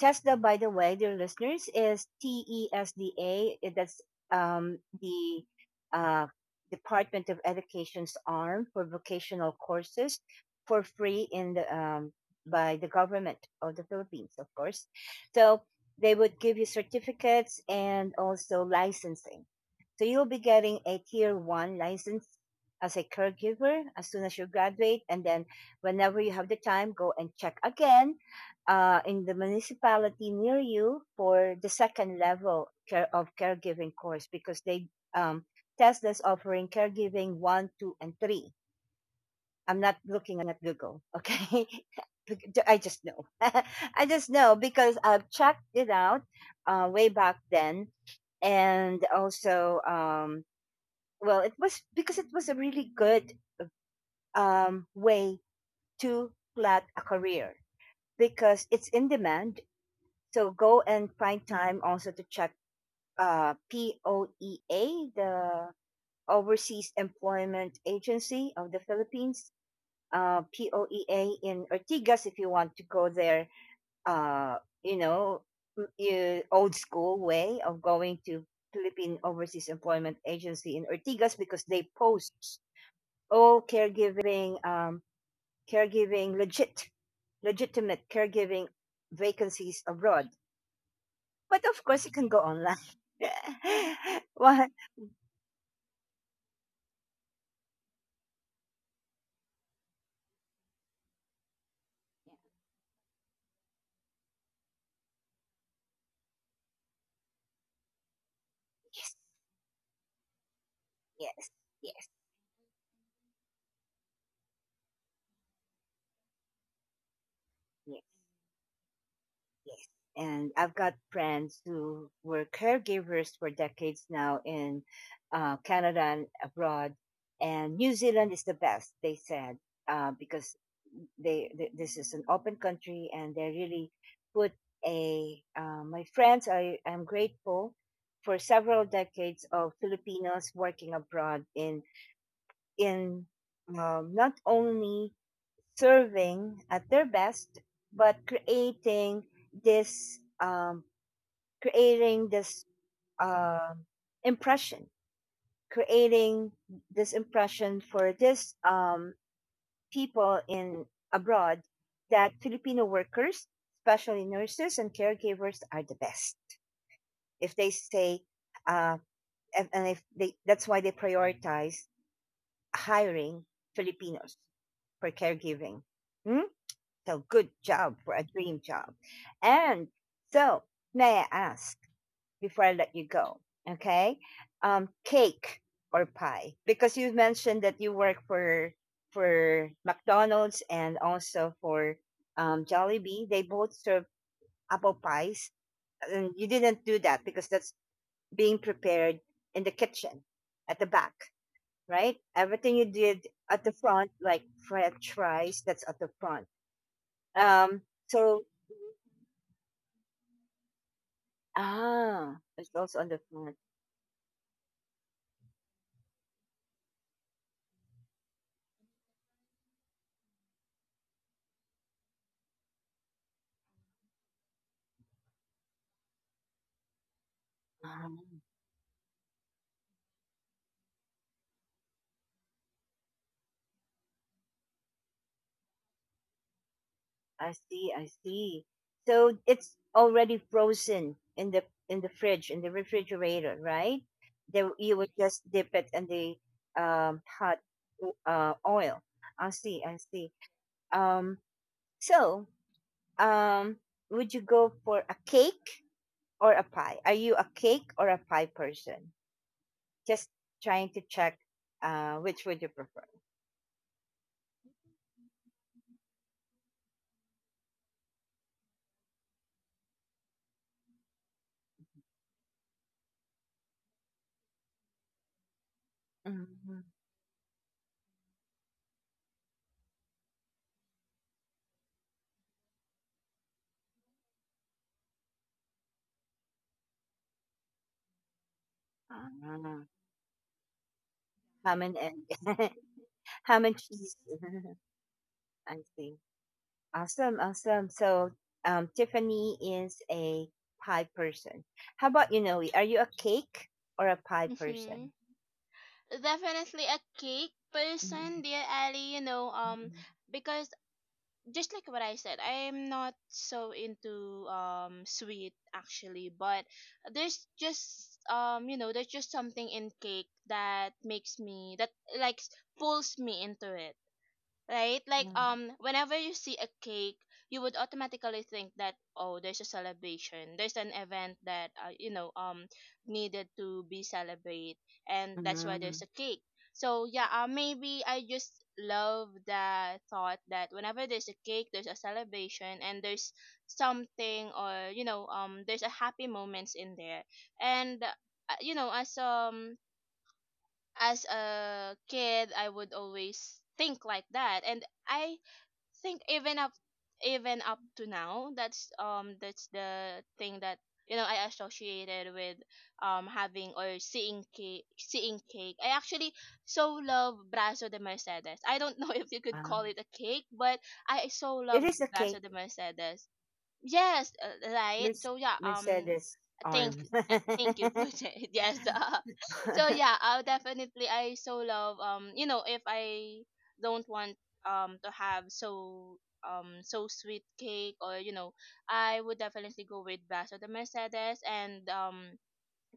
Speaker 1: TESDA, by the way, dear listeners, is TESDA. That's the uh, Department of Education's arm for vocational courses for free in the by the government of the Philippines, of course. So they would give you certificates and also licensing. So you'll be getting a tier 1 license as a caregiver as soon as you graduate. And then whenever you have the time, go and check again in the municipality near you for the second level care of caregiving course because they um, test that's offering caregiving 1, 2, and 3. I'm not looking at Google, okay? I just know. I just know because I've checked it out way back then, and also well it was because it was a really good way to plot a career because it's in demand. So go and find time also to check POEA, the overseas employment agency of the Philippines, POEA in Ortigas, if you want to go there, uh, you know, old school way of going to Philippine overseas employment agency in Ortigas, because they post all caregiving caregiving legit, legitimate caregiving vacancies abroad. But of course, you can go online. Why? Yes, yes, yes, yes. Yes. And I've got friends who were caregivers for decades now in Canada and abroad. And New Zealand is the best, they said, because this is an open country and they really put a my friends I am grateful for several decades of Filipinos working abroad in in not only serving at their best, but this um, creating this um impression, creating this impression for this people in abroad that Filipino workers, especially nurses and caregivers, are the best. If they say, uh, and if they, that's why they prioritize hiring Filipinos for caregiving. Hmm? So good job for a dream job. And so, may I ask before I let you go, okay? Cake or pie? Because you mentioned that you work for McDonald's and also for Jollibee. They both serve apple pies, and you didn't do that because that's being prepared in the kitchen at the back, right? Everything you did at the front, like French fries, that's at the front. Um, so Ah, it's also on the front. Ah, I see, I see. So it's already frozen in the fridge, in the refrigerator, right? Then you would just dip it in the um, hot oil. I see, I see. Um, so um, would you go for a cake or a pie? Are you a cake or a pie person? Just trying to check which would you prefer. Mhm. Ah, ham and egg, ham and cheese. I see. Awesome, awesome. So, Tiffany is a pie person. How about you, Noe? Are you a cake or a pie person?
Speaker 2: Definitely a cake person, dear Ali,
Speaker 1: Mm,
Speaker 2: because just like what I said, I'm not so into sweet actually, but there's just there's just something in cake that makes me that like pulls me into it, right? Like
Speaker 1: mm,
Speaker 2: whenever you see a cake, you would automatically think that, oh, there's a celebration. There's an event that needed to be celebrate, and
Speaker 1: mm,
Speaker 2: that's why
Speaker 1: mm,
Speaker 2: there's
Speaker 1: mm.
Speaker 2: a cake. So yeah, maybe I just love the thought that whenever there's a cake, there's a celebration, and there's something, or there's a happy moments in there. And you know as um as a kid, I would always think like that. And I think even up to now that's the thing that I associated with having or seeing cake. I actually so love Brazo de Mercedes. I don't know if you could
Speaker 1: Ah,
Speaker 2: call it a cake, but I so love
Speaker 1: it is a
Speaker 2: Brazo
Speaker 1: cake.
Speaker 2: de Mercedes. Yes, right.
Speaker 1: Mer-
Speaker 2: So yeah,
Speaker 1: Mercedes
Speaker 2: thank
Speaker 1: arm.
Speaker 2: thank you for that. Yes. So yeah, I so love if I don't want to have so sweet cake, or I would definitely go with Vaso de Mercedes. And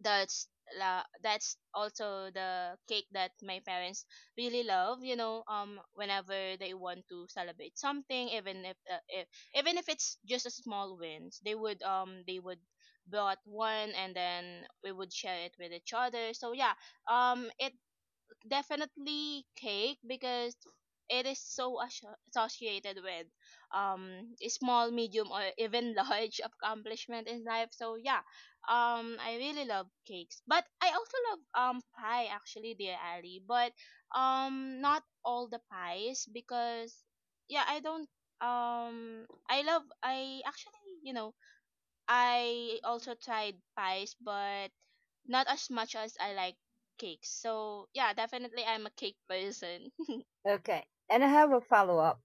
Speaker 2: that's la that's also the cake that my parents really love, whenever they want to celebrate something, even if even if it's just a small wins, they would bought one, and then we would share it with each other. So yeah, it definitely cake because it is so associated with um small, medium, or even large accomplishment in life. So yeah, I really love cakes, but I also love pie actually, dear Ali. But not all the pies, because yeah, I don't um I love I actually, I also tried pies, but not as much as I like cakes. So yeah, definitely I'm a cake person.
Speaker 1: Okay. And I have a follow up.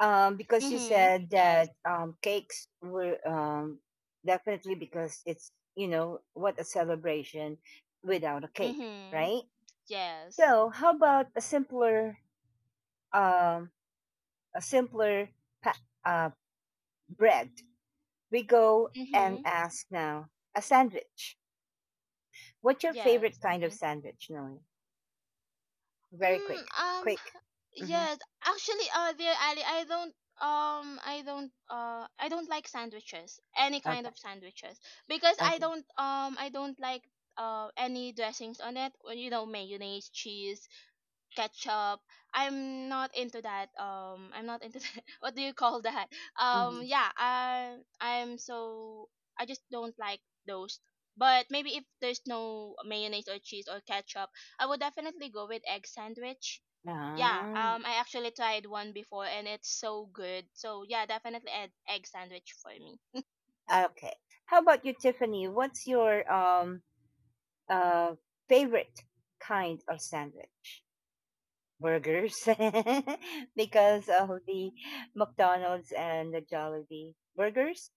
Speaker 1: Because you
Speaker 2: Mhm.
Speaker 1: said
Speaker 2: Yes.
Speaker 1: that cakes were definitely because it's, you know, what a celebration without a cake,
Speaker 2: Mhm.
Speaker 1: right?
Speaker 2: Yes.
Speaker 1: So, how about um, a simpler pa- uh, bread? We go and
Speaker 2: Mhm.
Speaker 1: ask now a sandwich. What's your
Speaker 2: Yes.
Speaker 1: favorite kind of
Speaker 2: Mhm.
Speaker 1: sandwich, Noe? Very quick,
Speaker 2: Mm, um.
Speaker 1: quick. Mm-hmm.
Speaker 2: Yes. Actually, there, Ali, I don't. I don't. I don't like sandwiches. Any kind
Speaker 1: Okay,
Speaker 2: of sandwiches, because I
Speaker 1: okay.
Speaker 2: don't. I don't like any dressings on it. Or, you know, mayonnaise, cheese, ketchup. I'm not into that. I'm not into that. What do you call that?
Speaker 1: Mm-hmm.
Speaker 2: Yeah, I I'm so I just don't like those. But maybe if there's no mayonnaise or cheese or ketchup, I would definitely go with egg sandwich. Yeah,
Speaker 1: Ah.
Speaker 2: I actually tried one before and it's so good. So yeah, definitely egg sandwich for me.
Speaker 1: Okay. How about you, Tiffany? What's your uh favorite kind of sandwich? Burgers, because of the McDonald's and the Jollibee burgers.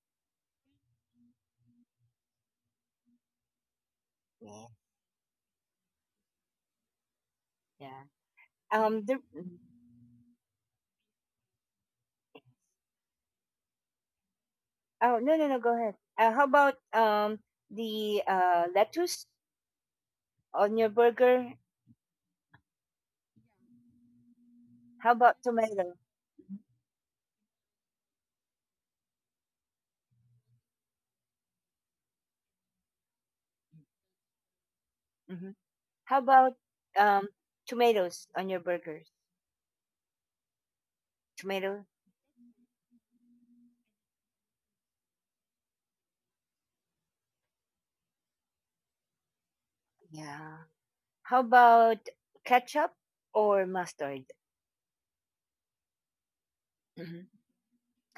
Speaker 1: Yeah. Yeah. The, oh no no no. Go ahead. How about the lettuce on your burger? How about tomato? Hmm. How about um tomatoes on your burgers? Tomato. Yeah. How about ketchup or mustard? Mhm.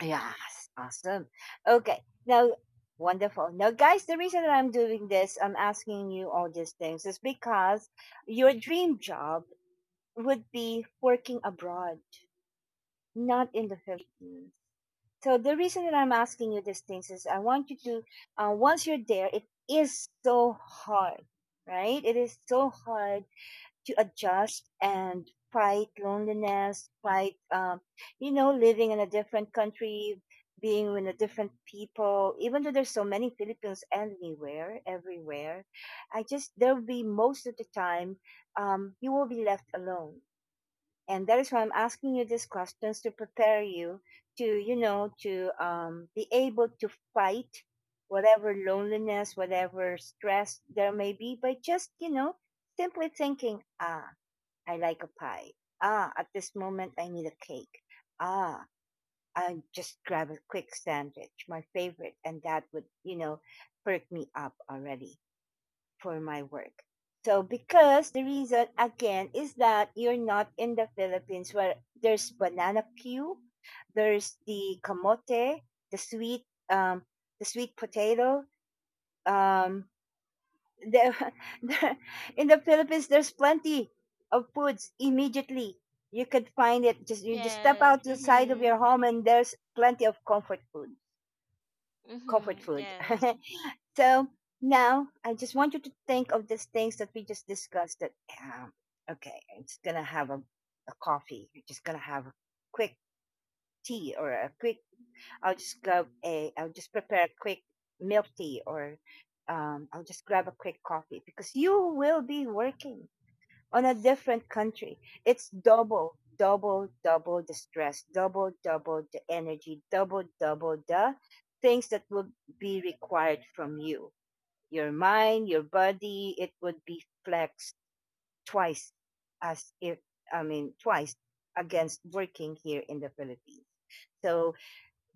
Speaker 1: Yes, awesome. Okay, now wonderful. Now, guys, the reason that I'm doing this, I'm asking you all these things, is because your dream job would be working abroad, not in the Philippines. So, the reason that I'm asking you these things is I want you to, once you're there, it is so hard, right? It is so hard to adjust and fight loneliness, fight, you know, living in a different country, being with a different people. Even though there's so many Filipinos anywhere, everywhere, I just there will be most of the time you will be left alone, and that is why I'm asking you these questions to prepare you to, you know, to be able to fight whatever loneliness, whatever stress there may be by just, you know, simply thinking, ah. I like a pie. Ah, at this moment I need a cake. Ah, I just grab a quick sandwich, my favorite, and that would, you know, perk me up already for my work. So because the reason again is that you're not in the Philippines where there's banana peel, there's the kamote, the sweet um the sweet potato, um there, in the Philippines, there's plenty of foods immediately. You could find it. Just you just step
Speaker 2: Yes.
Speaker 1: out to the side of
Speaker 2: Mhm.
Speaker 1: your home, and there's plenty of comfort food. Comfort
Speaker 2: Mhm.
Speaker 1: food.
Speaker 2: Yes.
Speaker 1: So now, I just want you to think of these things that we just discussed. That um, okay, I'm just gonna have a coffee. I'm just gonna have a quick tea or a quick I'll just grab a, I'll just prepare a quick milk tea or I'll just grab a quick coffee because you will be working on a different country. It's double, double, double the stress, double, double the energy, double, double the things that will be required from you. Your mind, your body, it would be flexed twice as if, I mean, twice against working here in the Philippines. So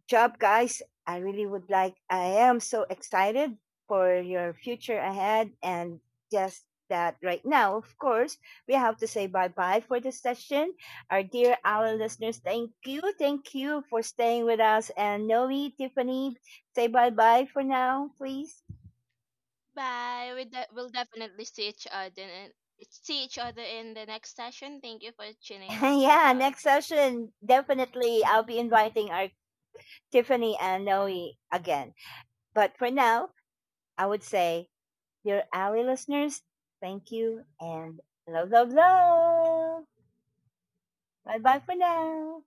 Speaker 1: job, guys. I really would like, I am so excited for your future ahead. And just that right now, of course, we have to say bye bye for this session. Our listeners, thank you. Thank you for staying with us. And Noe, Tiffany, say bye bye for now, please.
Speaker 2: Bye. We'll definitely see each other in the next session. Thank you for tuning us with
Speaker 1: Yeah,
Speaker 2: us.
Speaker 1: next session, definitely I'll be inviting our Tiffany and Noe again. But for now, I would say dear ally listeners, thank you and love, love, love. Bye bye for now.